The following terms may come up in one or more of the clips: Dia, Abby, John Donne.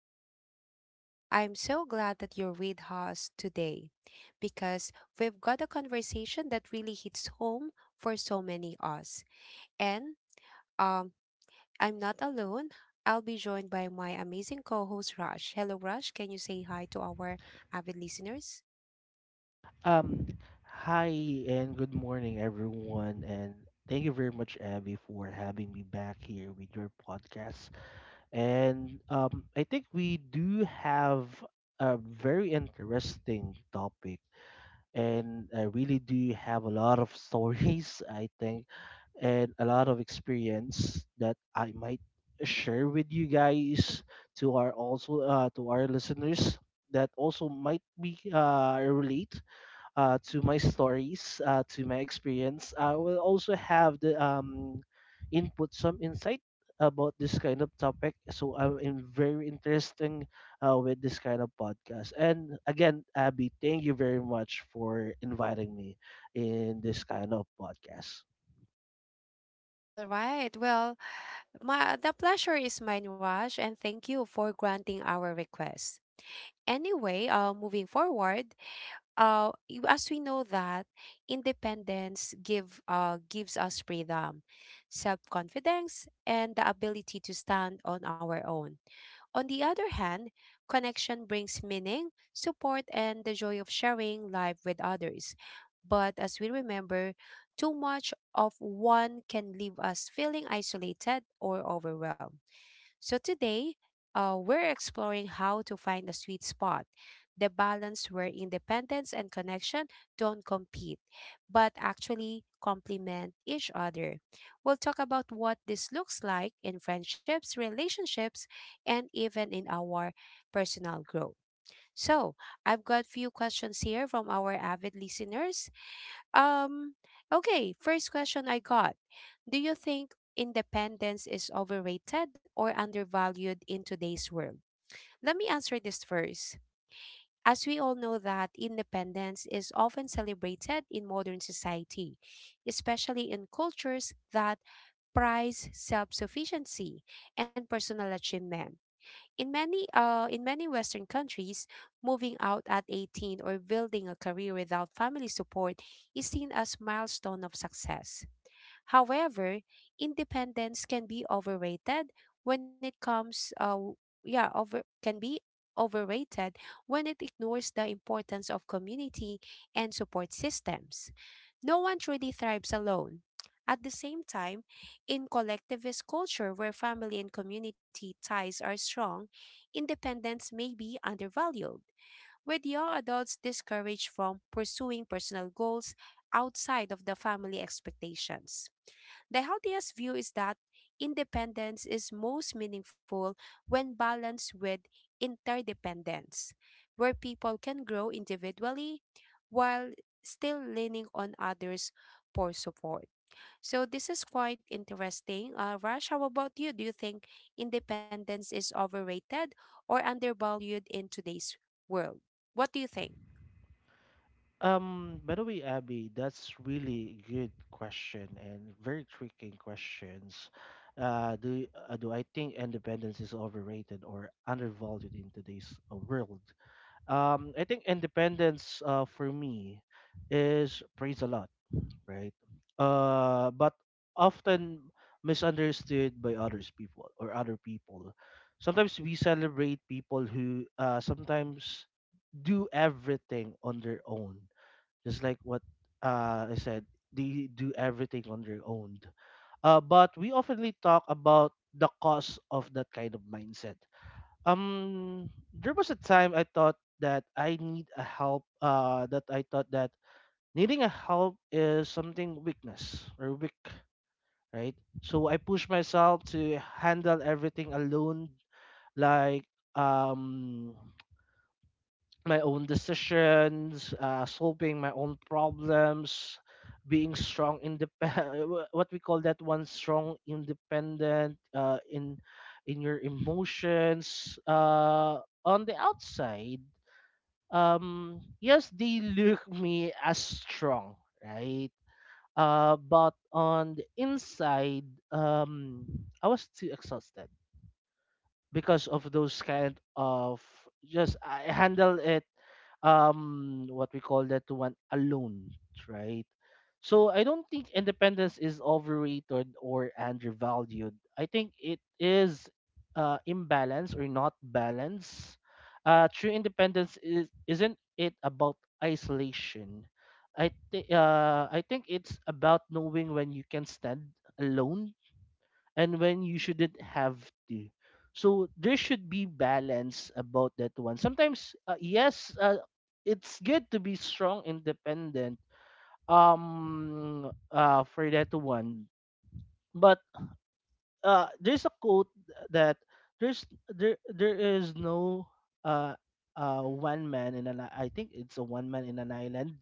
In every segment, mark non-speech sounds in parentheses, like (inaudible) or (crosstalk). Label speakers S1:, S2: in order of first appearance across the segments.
S1: to the show. I'm so glad that you're with us today because we've got a conversation that really hits home for so many us. And um I'm not alone. I'll be joined by my amazing co-host Rush. Hello Rush, can you say hi to our avid listeners?
S2: Um, hi and good morning, everyone, and thank you very much, Abby, for having me back here with your podcast. And I think we do have a very interesting topic, and I really do have a lot of stories, (laughs) I think, and a lot of experience that I might share with you guys to our also to our listeners that also might be relate to my stories, to my experience. I will also have the input some insight about this kind of topic. So I'm in very interesting with this kind of podcast. And again, Abby, thank you very much for inviting me in this kind of podcast.
S1: All right. Well, my the pleasure is mine, Raj, and thank you for granting our request. Anyway, moving forward, as we know that independence gives us freedom, self-confidence, and the ability to stand on our own. On the other hand, connection brings meaning, support, and the joy of sharing life with others. But as we remember, too much of one can leave us feeling isolated or overwhelmed. So today, we're exploring how to find the sweet spot, the balance where independence and connection don't compete, but actually complement each other. We'll talk about what this looks like in friendships, relationships, and even in our personal growth. So, I've got few questions here from our avid listeners um, okay, first question I got. Do you think independence is overrated or undervalued in today's world? Let me answer this first. As we all know that independence is often celebrated in modern society, especially in cultures that prize self-sufficiency and personal achievement. In many western countries, moving out at 18 or building a career without family support is seen as milestone of success. However, independence can be overrated when it comes w- yeah, over can be overrated when it ignores the importance of community and support systems. No one truly thrives alone. At the same time, in collectivist culture where family and community ties are strong, independence may be undervalued, with young adults discouraged from pursuing personal goals outside of the family expectations. The healthiest view is that independence is most meaningful when balanced with interdependence, where people can grow individually while still leaning on others for support. So this is quite interesting. Raj, how about you? Do you think independence is overrated or undervalued in today's world? What do you think?
S2: By the way, Abby, that's really good question and very tricky questions. Do I think independence is overrated or undervalued in today's world? I think independence, for me, is praised a lot, right? But often misunderstood by other people. Sometimes we celebrate people who sometimes do everything on their own, just like what I said, they do everything on their own. But we oftenly talk about the cause of that kind of mindset. There was a time I thought that I need a help. That I thought that needing a help is something weakness or weak, right? So I push myself to handle everything alone, like um my own decisions, solving my own problems, being strong, independent. (laughs) What we call that one, strong, independent in your emotions. On the outside, yes, they look me as strong, right? But on the inside, um, I was too exhausted because of those kind of just I handle it what we call that one alone, right? So I don't think independence is overrated or undervalued. I think it is imbalance or not balance. Uh, true independence is isn't it about isolation. I think it's about knowing when you can stand alone and when you shouldn't have to. So there should be balance about that one. Sometimes, yes, it's good to be strong, independent. For that one, but there's a quote that there is no uh one man in an I think it's a one man in an island.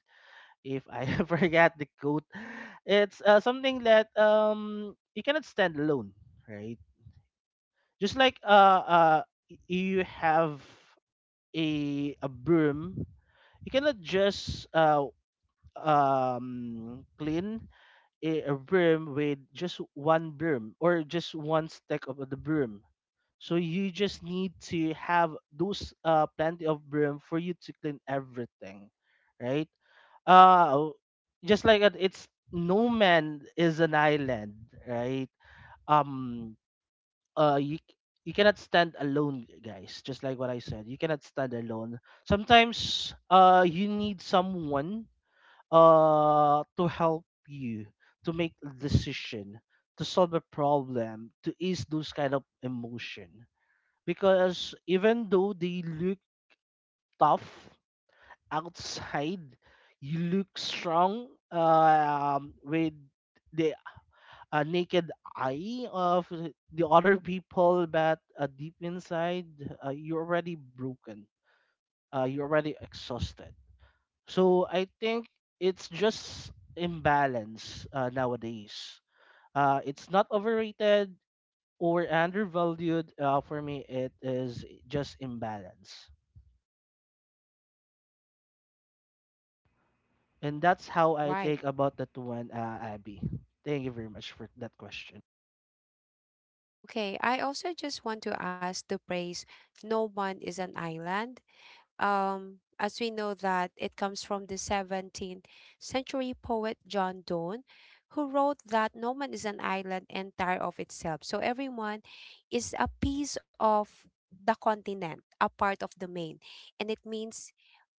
S2: If I (laughs) forget the quote, it's something that you cannot stand alone, right? Just like you have a broom, you cannot just clean a broom with just one broom or just one stack of the broom, so you just need to have those plenty of broom for you to clean everything, right. uh just like that, it's no man is an island, right. um you you cannot stand alone, guys. Just like what I said, you cannot stand alone. Sometimes you need someone to help you, to make a decision, to solve a problem, to ease those kind of emotion. Because even though they look tough outside, you look strong, with the a naked eye of the other people, but deep inside, you're already broken. You're already exhausted. So I think it's just imbalance nowadays. It's not overrated or undervalued. For me, it is just imbalance. And that's how
S1: All
S2: I
S1: right.
S2: think about that one, Abby. Thank you very much for that question.
S1: Okay, I also just want to ask to praise "No One is an Island", as we know that it comes from the 17th century poet John Donne, who wrote that no man is an island entire of itself. So everyone is a piece of the continent, a part of the main. And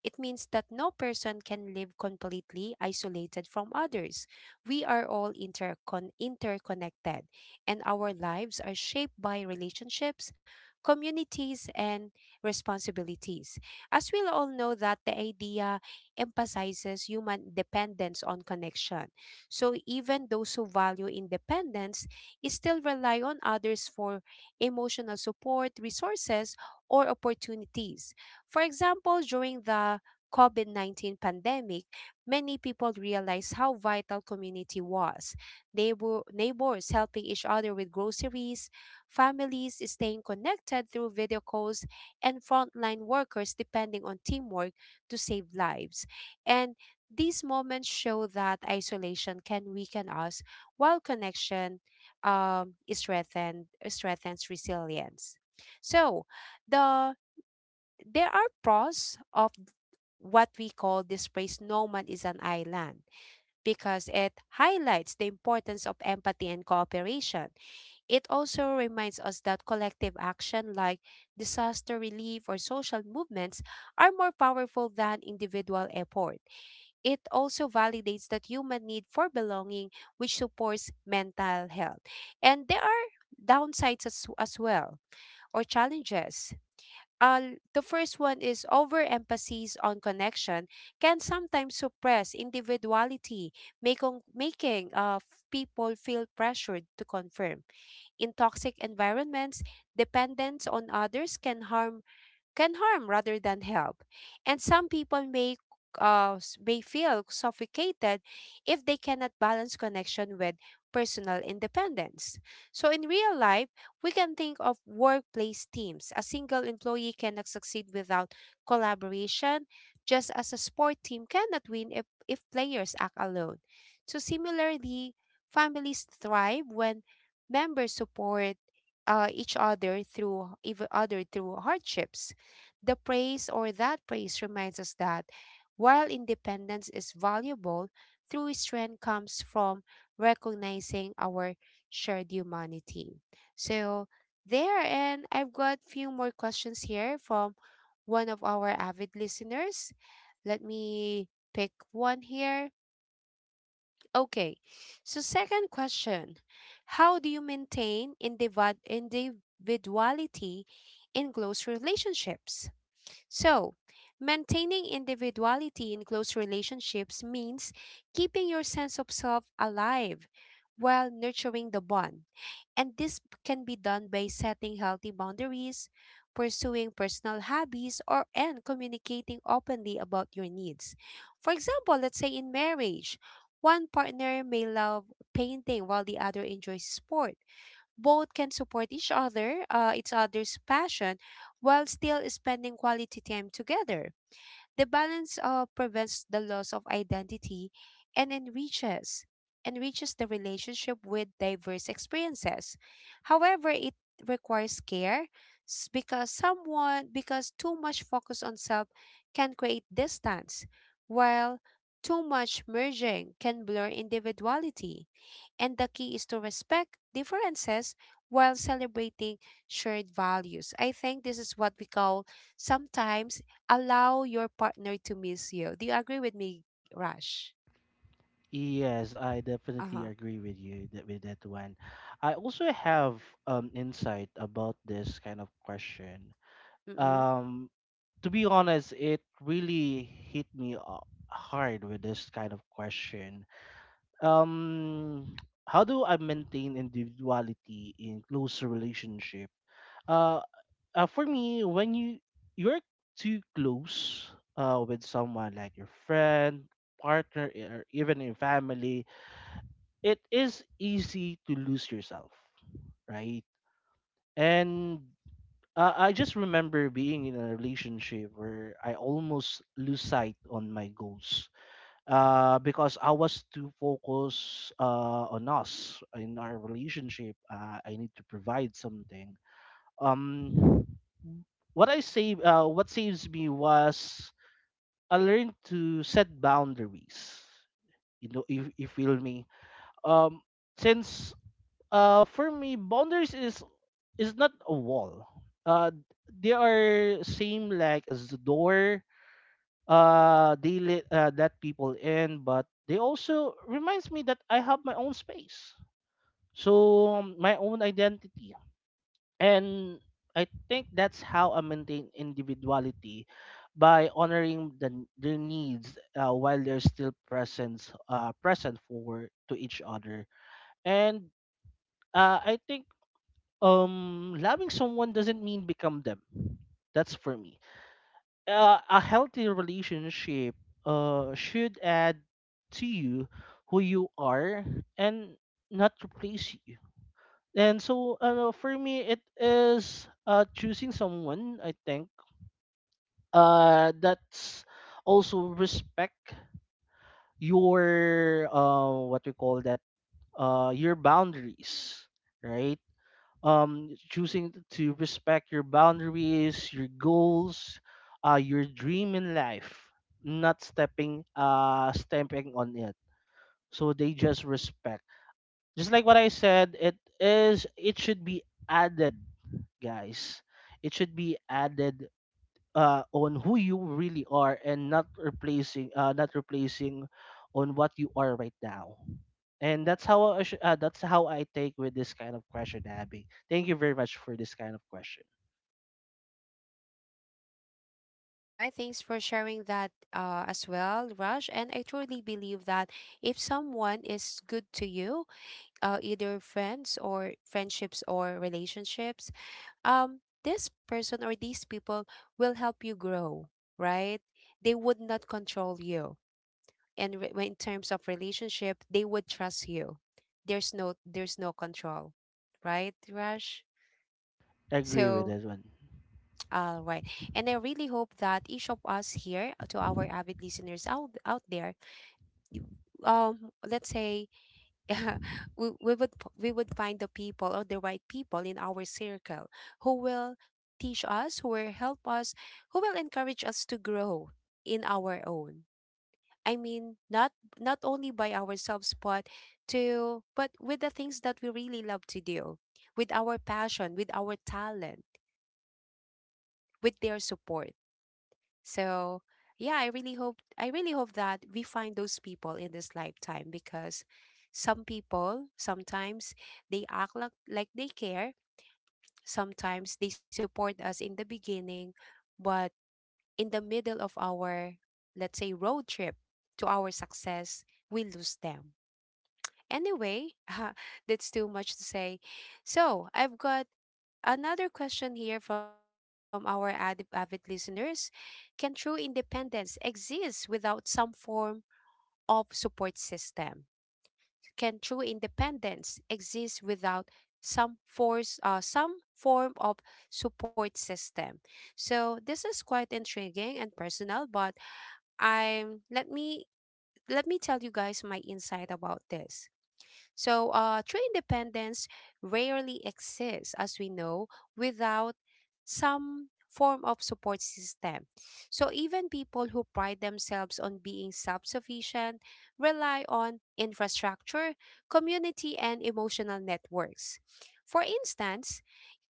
S1: it means that no person can live completely isolated from others. We are all interconnected, and our lives are shaped by relationships, communities, and responsibilities. As we all know that the idea emphasizes human dependence on connection. So even those who value independence still rely on others for emotional support, resources, or opportunities. For example, during the COVID 19 pandemic, many people realized how vital community was. Neighbors helping each other with groceries, families staying connected through video calls, and frontline workers depending on teamwork to save lives. And these moments show that isolation can weaken us while connection strengthens resilience. So, the there are pros of what we call this phrase "no man is an island", because it highlights the importance of empathy and cooperation. It also reminds us that collective action, like disaster relief or social movements, are more powerful than individual effort. It also validates that human need for belonging, which supports mental health. And there are downsides as well, or challenges. The first one is overemphasis on connection can sometimes suppress individuality, making people feel pressured to confirm. In toxic environments, dependence on others can harm rather than help. And some people may feel suffocated if they cannot balance connection with personal independence. So in real life, we can think of workplace teams. A single employee cannot succeed without collaboration, just as a sport team cannot win if players act alone. So similarly, families thrive when members support each other through even other through hardships. The praise, or that praise, reminds us that while independence is valuable, true strength comes from recognizing our shared humanity. So there, and I've got few more questions here from one of our avid listeners. Let me pick one here. Okay. So second question, how do you maintain individuality in close relationships? So, maintaining individuality in close relationships means keeping your sense of self alive while nurturing the bond. And this can be done by setting healthy boundaries, pursuing personal hobbies, or and communicating openly about your needs. For example, let's say in marriage, one partner may love painting while the other enjoys sports. Both can support each each other's passion, while still spending quality time together. The balance prevents the loss of identity and enriches the relationship with diverse experiences. However, it requires care because too much focus on self can create distance, while too much merging can blur individuality. And the key is to respect differences while celebrating shared values. I think this is what we call sometimes allow your partner to miss you. Do you agree with me, Rush?
S2: Yes, I definitely
S1: Uh-huh.
S2: agree with you that with that one. I also have insight about this kind of question.
S1: Mm-mm.
S2: Um, to be honest, it really hit me hard with this kind of question. Um, (tsk) how do I maintain individuality in close relationship? Uh, for me, when you're too close with someone like your friend, partner, e, or even in family, it is easy to lose yourself, right? And I just remember being in a relationship where I almost lose sight on my goals, because I was too focused on us in our relationship. I need to provide something. Um, what I say, what saves me was I learned to set boundaries. You know, if you feel me. Um, since For me, boundaries is not a wall. Uh, they are same like as the door. They let let people in, but they also reminds me that I have my own space, so my own identity, and I think that's how I maintain individuality by honoring their needs, while they're still present for to each other. And I think loving someone doesn't mean become them, that's for me a healthy relationship should add to you who you are and not replace you. And so for me it is choosing someone, I think that's also respect your what we call that your boundaries, right. Um, choosing to respect your boundaries, your goals, your dream in life, not stepping stamping on it. So they just respect, just like what I said, it is it should be added, guys. It should be added on who you really are and not replacing not replacing on what you are right now. And that's how I take with this kind of question. Abby, thank you very much for this kind of question.
S1: All right, thanks for sharing that as well, Rush. And I truly believe that if someone is good to you, either friends or friendships or relationships, this person or these people will help you grow, right? They would not control you. And when in terms of relationship, they would trust you. There's no control, right, Rush?
S2: Agree with
S1: So,
S2: this one.
S1: all right. And I really hope that each of us here, to our avid listeners out there, you- let's say, (laughs) we would we would find the people or the right people in our circle who will teach us, who will help us, who will encourage us to grow in our own. I mean, not only by ourselves, but with the things that we really love to do, with our passion, with our talent, with their support. So yeah, I really hope that we find those people in this lifetime, because some people sometimes they act like they care. Sometimes they support us in the beginning, but in the middle of our, let's say, road trip to our success, we lose them. Anyway, (laughs) that's too much to say. So I've got another question here from our avid listeners. Can true independence exist without some form of support system? Can true independence exist without some form of support system? So this is quite intriguing and personal, but I'm let me tell you guys my insight about this. So, true independence rarely exists, as we know, without some form of support system. So, even people who pride themselves on being self sufficient rely on infrastructure, community, and emotional networks. For instance,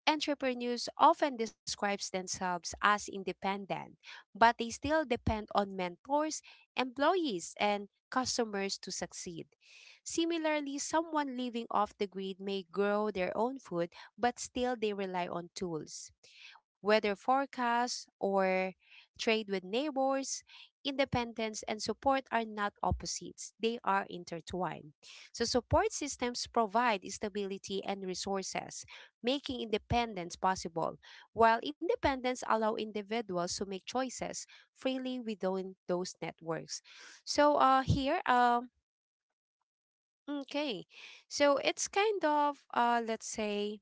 S1: entrepreneurs often describe themselves as independent, but they still depend on mentors, employees, and customers to succeed. Similarly, someone living off the grid may grow their own food, but still they rely on tools, weather forecasts, or trade with neighbors. Independence and support are not opposites, they are intertwined. So, support systems provide stability and resources, making independence possible, while independence allow individuals to make choices freely within those networks. So, here, okay, so it's kind of, let's say,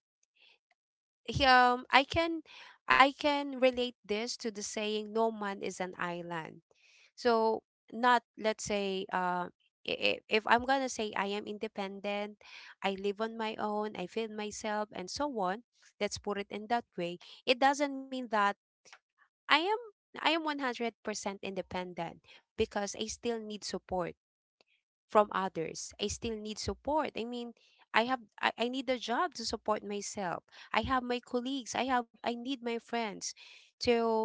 S1: I can relate this to the saying "no man is an island". So not let's say, if if I'm gonna say I am independent, I live on my own, I feed myself and so on, let's put it in that way. It doesn't mean that I am I am 100% independent because I still need support from others. I still need support. I mean, I need a job to support myself. I have my colleagues. I need my friends to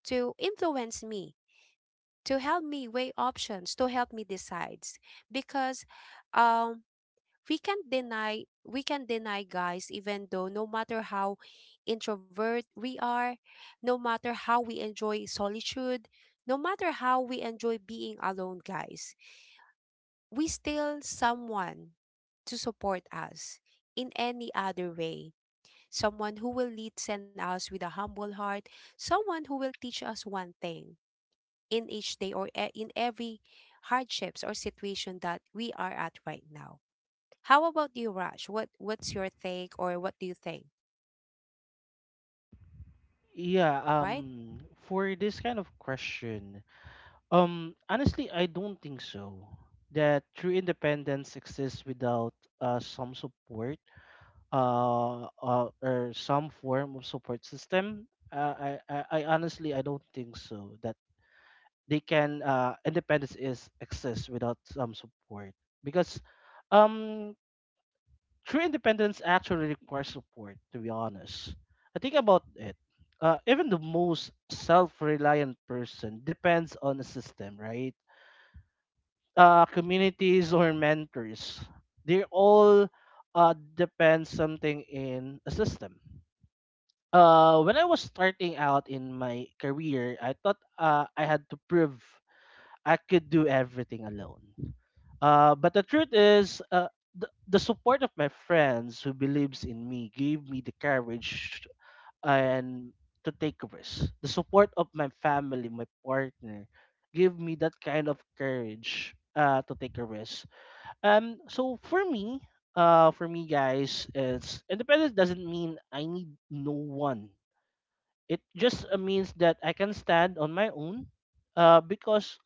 S1: influence me, to help me weigh options, to help me decide. Because um we can't deny we can deny guys, even though, no matter how introvert we are, no matter how we enjoy solitude, no matter how we enjoy being alone, guys, we still someone to support us in any other way. Someone who will lead send us with a humble heart, someone who will teach us one thing in each day in every hardships or situation that we are at right now. How about you, Raj? What's your take or what do you think?
S2: yeah
S1: All right.
S2: um for this kind of question, honestly I don't think so that true independence exists without uh, some support some form of support system. I Honestly, I don't think so that they can independence is exist without some support, because um true independence actually requires support. To be honest, I think about it. Even the most self-reliant person depends on a system, right? Communities or mentors, they all depend something in a system. When I was starting out in my career, I thought I had to prove I could do everything alone. Uh, but the truth is the support of my friends who believes in me gave me the courage and to take risks. The support of my family, my partner, gave me that kind of courage to take a risk. Um, so for me, for me, guys, it's independence doesn't mean I need no one. It just means that I can stand on my own, because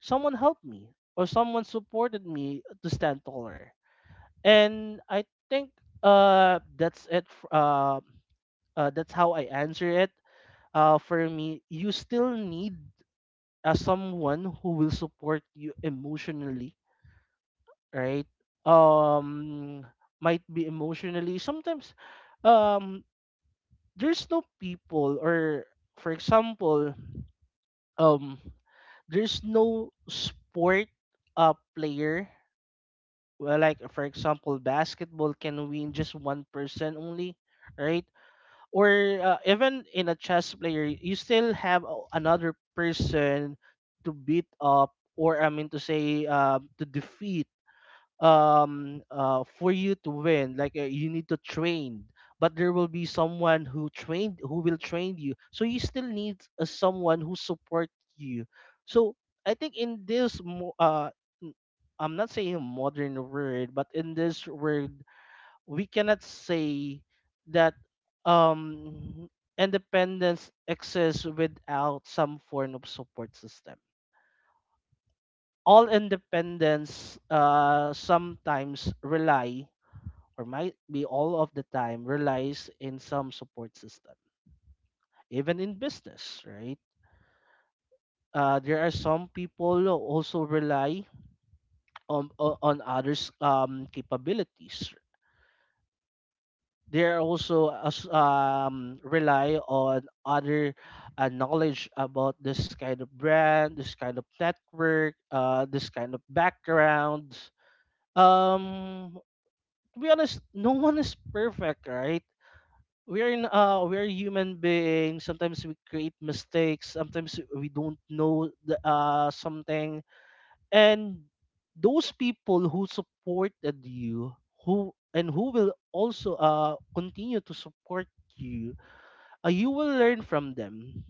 S2: someone helped me or someone supported me to stand taller. And I think uh, that's it. f- Uh, that's how I answer it. For me, you still need someone who will support you emotionally, right? Um, might be emotionally. Sometimes um, there's no people, or for example um there's no sport player, well, like for example basketball can win just one person only, right? Or even in a chess player, you still have another person to beat up, or I mean to say to defeat, for you to win. Like you need to train, but there will be someone who will train you, so you still need someone who support you. So I think in n- I'm not saying a modern word, but in this word we cannot say that um independence exists without some form of support system. All independence sometimes rely or might be all of the time relies in some support system. Even in business, right? There are some people who also rely on on others capabilities. They are also rely on other knowledge about this kind of brand, this kind of network, this kind of background. Um, to be honest, no one is perfect, right? We're in we're human beings. Sometimes we create mistakes, sometimes we don't know something. And those people who supported you, who will also continue to support you, you will learn from them.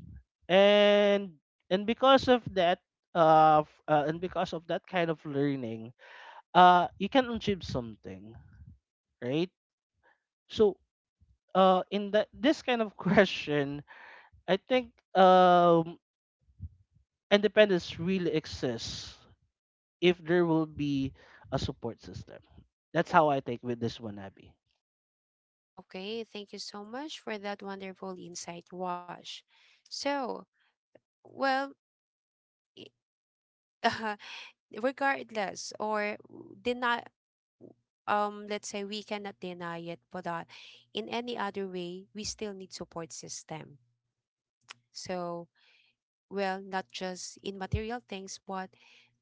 S2: And because of that, and because of that kind of learning, you can achieve something, right? So in that this kind of (laughs) question, I think independence really exists if there will be a support system. That's how I think with this one, Abby.
S1: Okay, thank you so much for that wonderful insight, Wash. So, well, (laughs) regardless or deny, let's say we cannot deny it, but in any other way we still need support system. So, well, not just in material things, but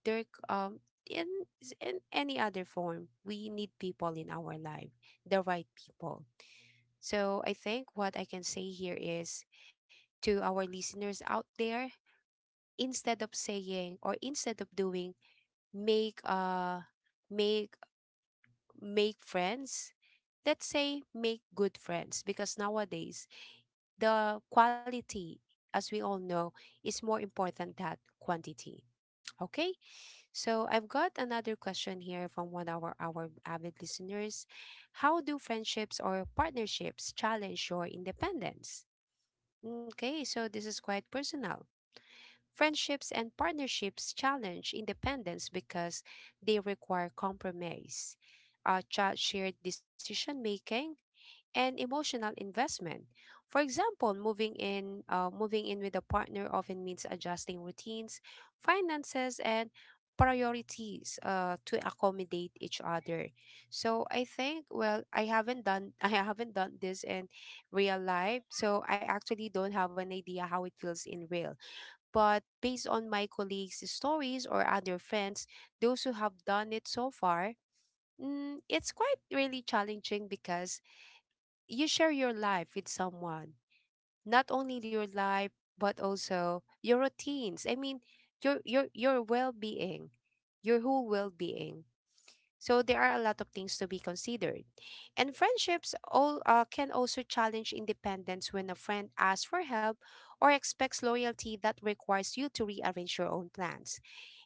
S1: there c- um in, in any other form, we need people in our life, the right people. So I think what I can say here is, to our listeners out there, instead of saying or instead of doing, make uh make make friends. Let's say make good friends, because nowadays the quality, as we all know, is more important than quantity. Okay, so I've got another question here from one of our avid listeners. How do friendships or partnerships challenge your independence? Okay, so this is quite personal. Friendships and partnerships challenge independence because they require compromise, shared decision making, and emotional investment. For example, moving in with a partner often means adjusting routines, finances, and priorities, to accommodate each other. So I think, well, I haven't done (laughs) I haven't done this in real life. So I actually don't have an idea how it feels in real. But based on my colleagues' stories or other friends, those who have done it so far, it's quite really challenging because you share your life with someone. Not only your life, but also your routines, I mean, your well-being, your whole well-being. So there are a lot of things to be considered. And friendships all can also challenge independence when a friend asks for help or expects loyalty that requires you to rearrange your own plans.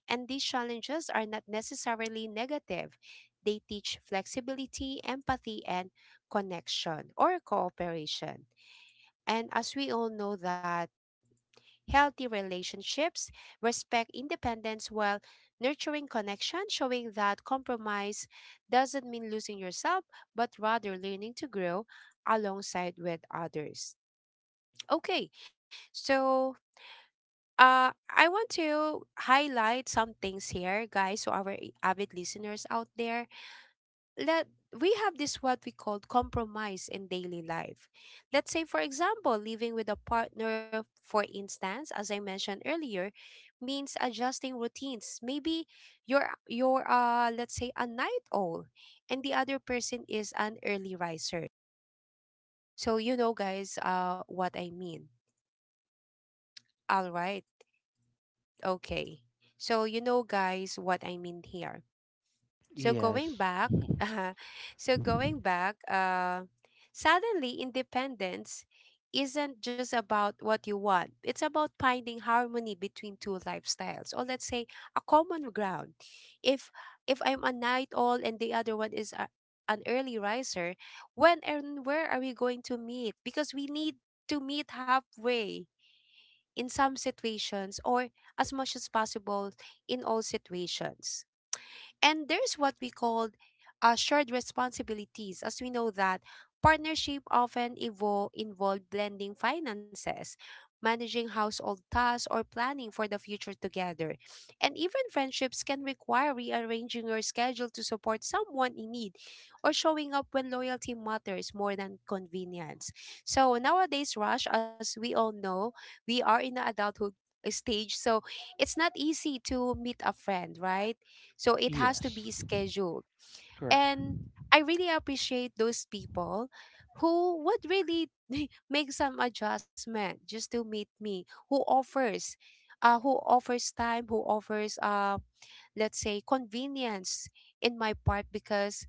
S1: And these challenges are not necessarily negative. They teach flexibility, empathy, and connection or cooperation. And as we all know that healthy relationships respect independence while nurturing connection, showing that compromise doesn't mean losing yourself, but rather learning to grow alongside with others. Okay, so I want to highlight some things here, guys, to our avid listeners out there. Let we have this what we call compromise in daily life. Let's say, for example, living with a partner, for instance, as I mentioned earlier, means adjusting routines. Maybe you're let's say a night owl, and the other person is an early riser. So you know, guys, what I mean. All right. Okay. So you know, guys, what I mean here. So going
S2: Yes.
S1: back, (laughs) uh, so going back, suddenly independence isn't just about what you want. It's about finding harmony between two lifestyles, or let's say a common ground. If I'm a night owl and the other one is an early riser, when and where are we going to meet? Because we need to meet halfway in some situations, or as much as possible in all situations. And there's what we call shared responsibilities, as we know that partnership often evolve, involve blending finances, managing household tasks, or planning for the future together. And even friendships can require rearranging your schedule to support someone in need, or showing up when loyalty matters more than convenience. So nowadays, Rush, as we all know, we are in the adulthood stage, so it's not easy to meet a friend, right? So it has to
S2: Yes.
S1: be scheduled.
S2: Correct.
S1: And I really appreciate those people who would really (laughs) make some adjustment just to meet me, who offers time, who offers let's say convenience in my part, because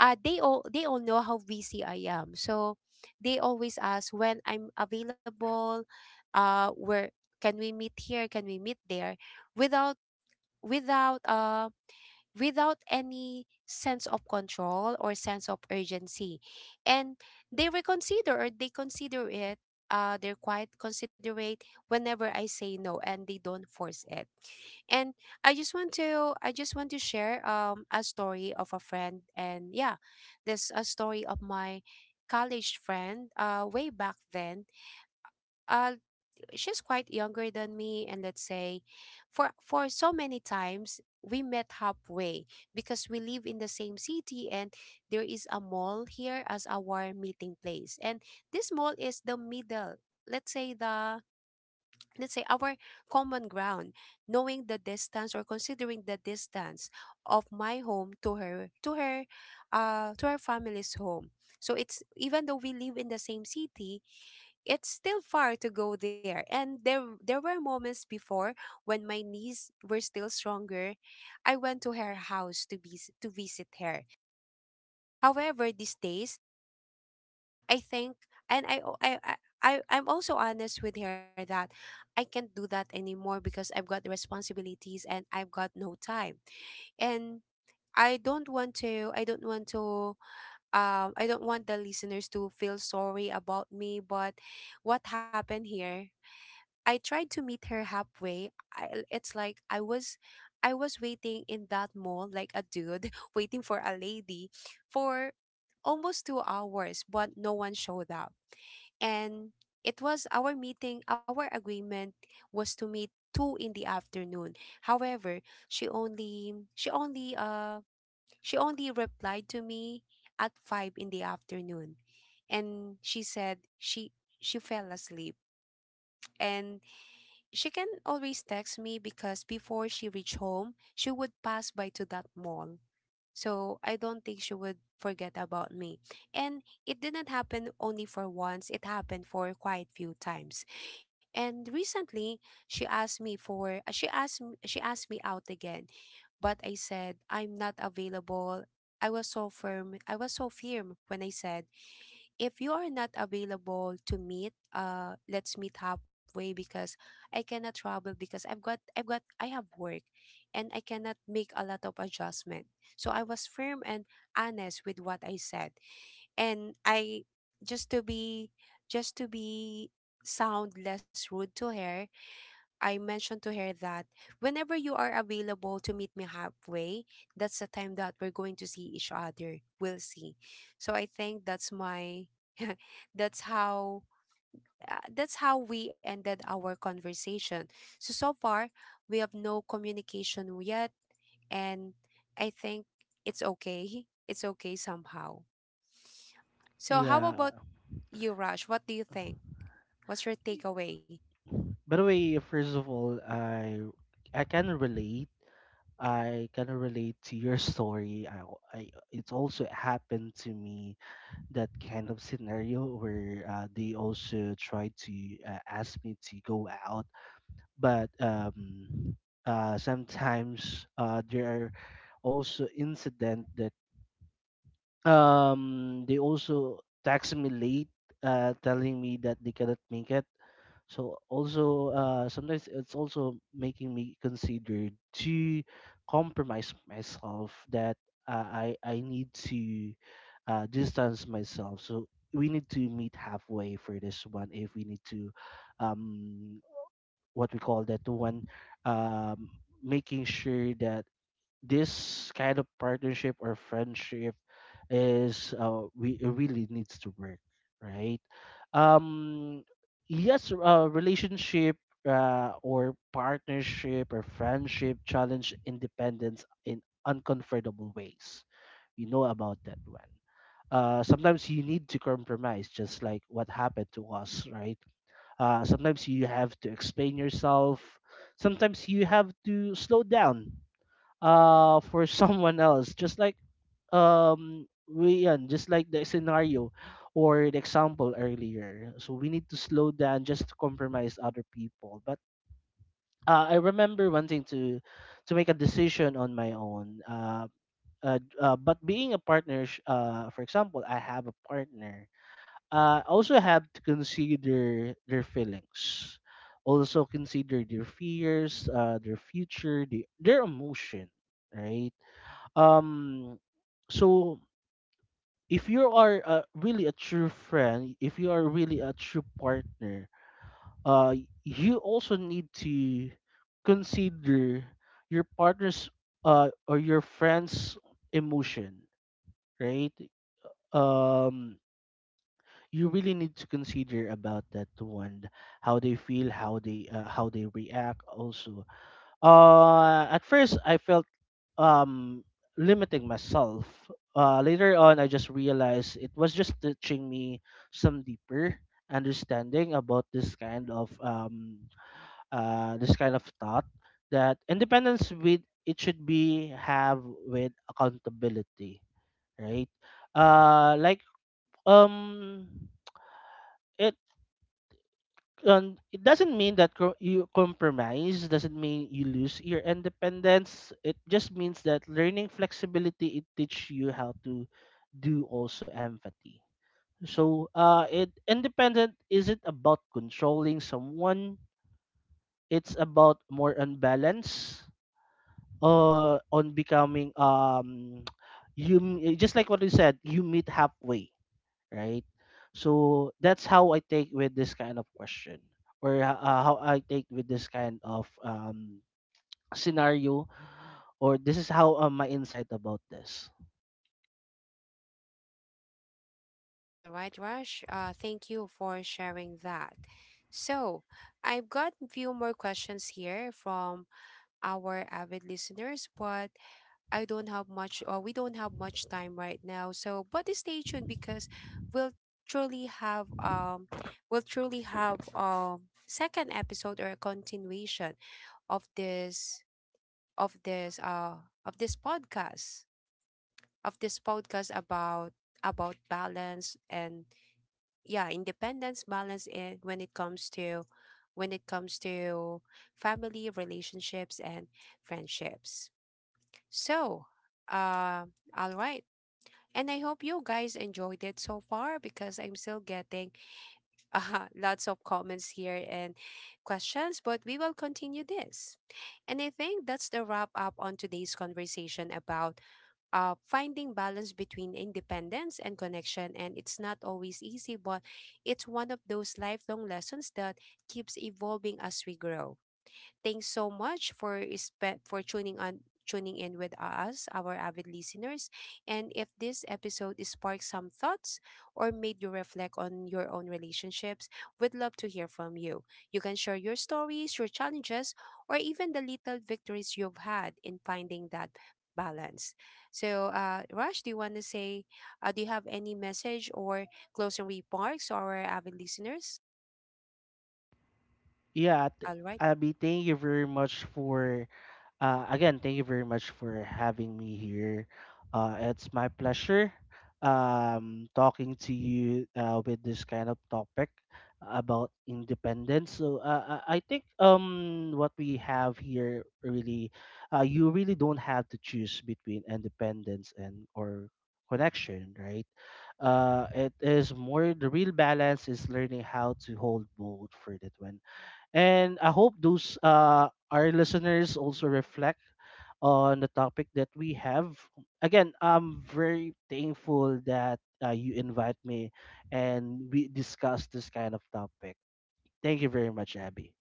S1: they all know how busy I am. So they always ask when I'm available, uh, where can we meet here, can we meet there, without without um without any sense of control or sense of urgency. And they reconsider, or they consider it. They're quite considerate whenever I say no, and they don't force it. And I just want to share, um, a story of a friend, and yeah, this a story of my college friend way back then. Uh, she's quite younger than me, and let's say for so many times we met halfway because we live in the same city, and there is a mall here as our meeting place, and this mall is the middle, let's say the, let's say our common ground, knowing the distance, or considering the distance of my home to her to her to her family's home. So it's, even though we live in the same city, it's still far to go there. And there were moments before when my knees were still stronger, I went to her house to be to visit her. However, these days, I think, and I o- I, I, I'm also honest with her that I can't do that anymore because I've got responsibilities and I've got no time. And I don't want to, I don't want to, I don't want the listeners to feel sorry about me. But what happened here, I tried to meet her halfway. It's like I was waiting in that mall like a dude (laughs) waiting for a lady for almost 2 hours, but no one showed up. And it was our meeting, our agreement was to meet 2 in the afternoon. However, she only she only uh she only replied to me at 5 in the afternoon. And she fell asleep. And she can always text me because before she reached home, she would pass by to that mall. So I don't think she would forget about me. And it didn't happen only for once, it happened for quite few times. And recently, she asked me for she asked m- she asked me out again, but I said I'm not available. I was so firm. I was so firm when I said, if you are not available to meet, uh, let's meet halfway, because I cannot travel because I've got I have work and I cannot make a lot of adjustment. So I was firm and honest with what I said. And I just to be just to be sound less rude to her, I mentioned to her that whenever you are available to meet me halfway, that's the time that we're going to see each other. We'll see. So I think that's my (laughs) that's how, that's how we ended our conversation. So so far, we have no communication yet, and I think it's okay. (laughs) It's okay somehow. So how about
S2: Yeah.
S1: you, Raj? What do you think? What's your takeaway?
S2: By the way, first of all, I can relate. I can relate to your (laughs) story. I it's also happened to me that kind of scenario where they also tried to ask me to go out, but sometimes there are also incident that they also text me late, telling me that they cannot make it. So also sometimes it's also making me consider to compromise myself, that I need to distance myself. So we need to meet halfway for this one if we need to um what we call that one um, making sure that this kind of partnership or friendship is we it really needs to work, right? um yes, relationship or partnership or friendship challenge independence in uncomfortable ways. You know about that one. Sometimes you need to compromise, just like what happened to us, right? Sometimes you have to explain yourself. Sometimes you have to slow down, (laughs) for someone else. Just like um, just like the scenario or the example earlier. So we need to slow down just to compromise other people. But I remember wanting to make a decision on my own. But being a partner, for example, I have a partner, also have to consider their feelings, also consider their fears, their future, their emotion, right? Um, so if you are really a true friend, if you are really a true partner, uh you also need to consider your partner's or your friend's emotion, right? um you really need to consider about that one, how they feel, how they react also. At first I felt um limiting myself. Later on I just realized it was just teaching me some deeper understanding about this kind of thought, that independence with it should be have with accountability, right? Like um it it doesn't mean that you compromise doesn't mean you lose your independence. It just means that learning flexibility, it teach you how to do also empathy. So it independent isn't about controlling someone, it's about more on balance, on becoming (tsk) just like what you said, you meet halfway, right? So that's how I take with this kind of question, or how I take with this kind of scenario, or this is how my insight about this.
S1: All right, Rush. Thank you for sharing that. So, I've got a few more questions here from our avid listeners, but I don't have much, or we don't have much time right now. So, but stay tuned, because we'll truly have um, we'll truly have, um, second episode, or a continuation of this, of this uh of this podcast, of this podcast, about balance, and yeah, independence balance, and when it comes to, when it comes to family relationships and friendships. So, uh, all right. And I hope you guys enjoyed it so far, because I'm still getting (laughs) lots of comments here and questions, but we will continue this. And I think that's the wrap up on today's conversation about, finding balance between independence and connection. And it's not always easy, but it's one of those lifelong lessons that keeps evolving as we grow. Thanks so much for for tuning in with us, our avid listeners. And if this episode sparked some thoughts or made you reflect on your own relationships, we'd love to hear from you. You can share your stories, your challenges, or even the little victories you've had in finding that balance. So, Raj, do you want to say, do you have any message or closing remarks to our avid listeners?
S2: Yeah, th-
S1: All right.
S2: Abby, thank you very much for again, thank you very much for having me here. It's my pleasure talking to you with this kind of topic about independence. So I think what we have here really, you really don't have to choose between independence and or connection, right? It is more the real balance is learning how to hold both for that one. And I hope those our listeners also reflect on the topic that we have. Again, I'm very thankful that you invite me and we discuss this kind of topic. Thank you very much, Abby.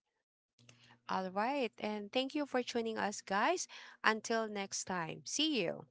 S1: All right. And thank you for tuning us, guys. Until next time, see you.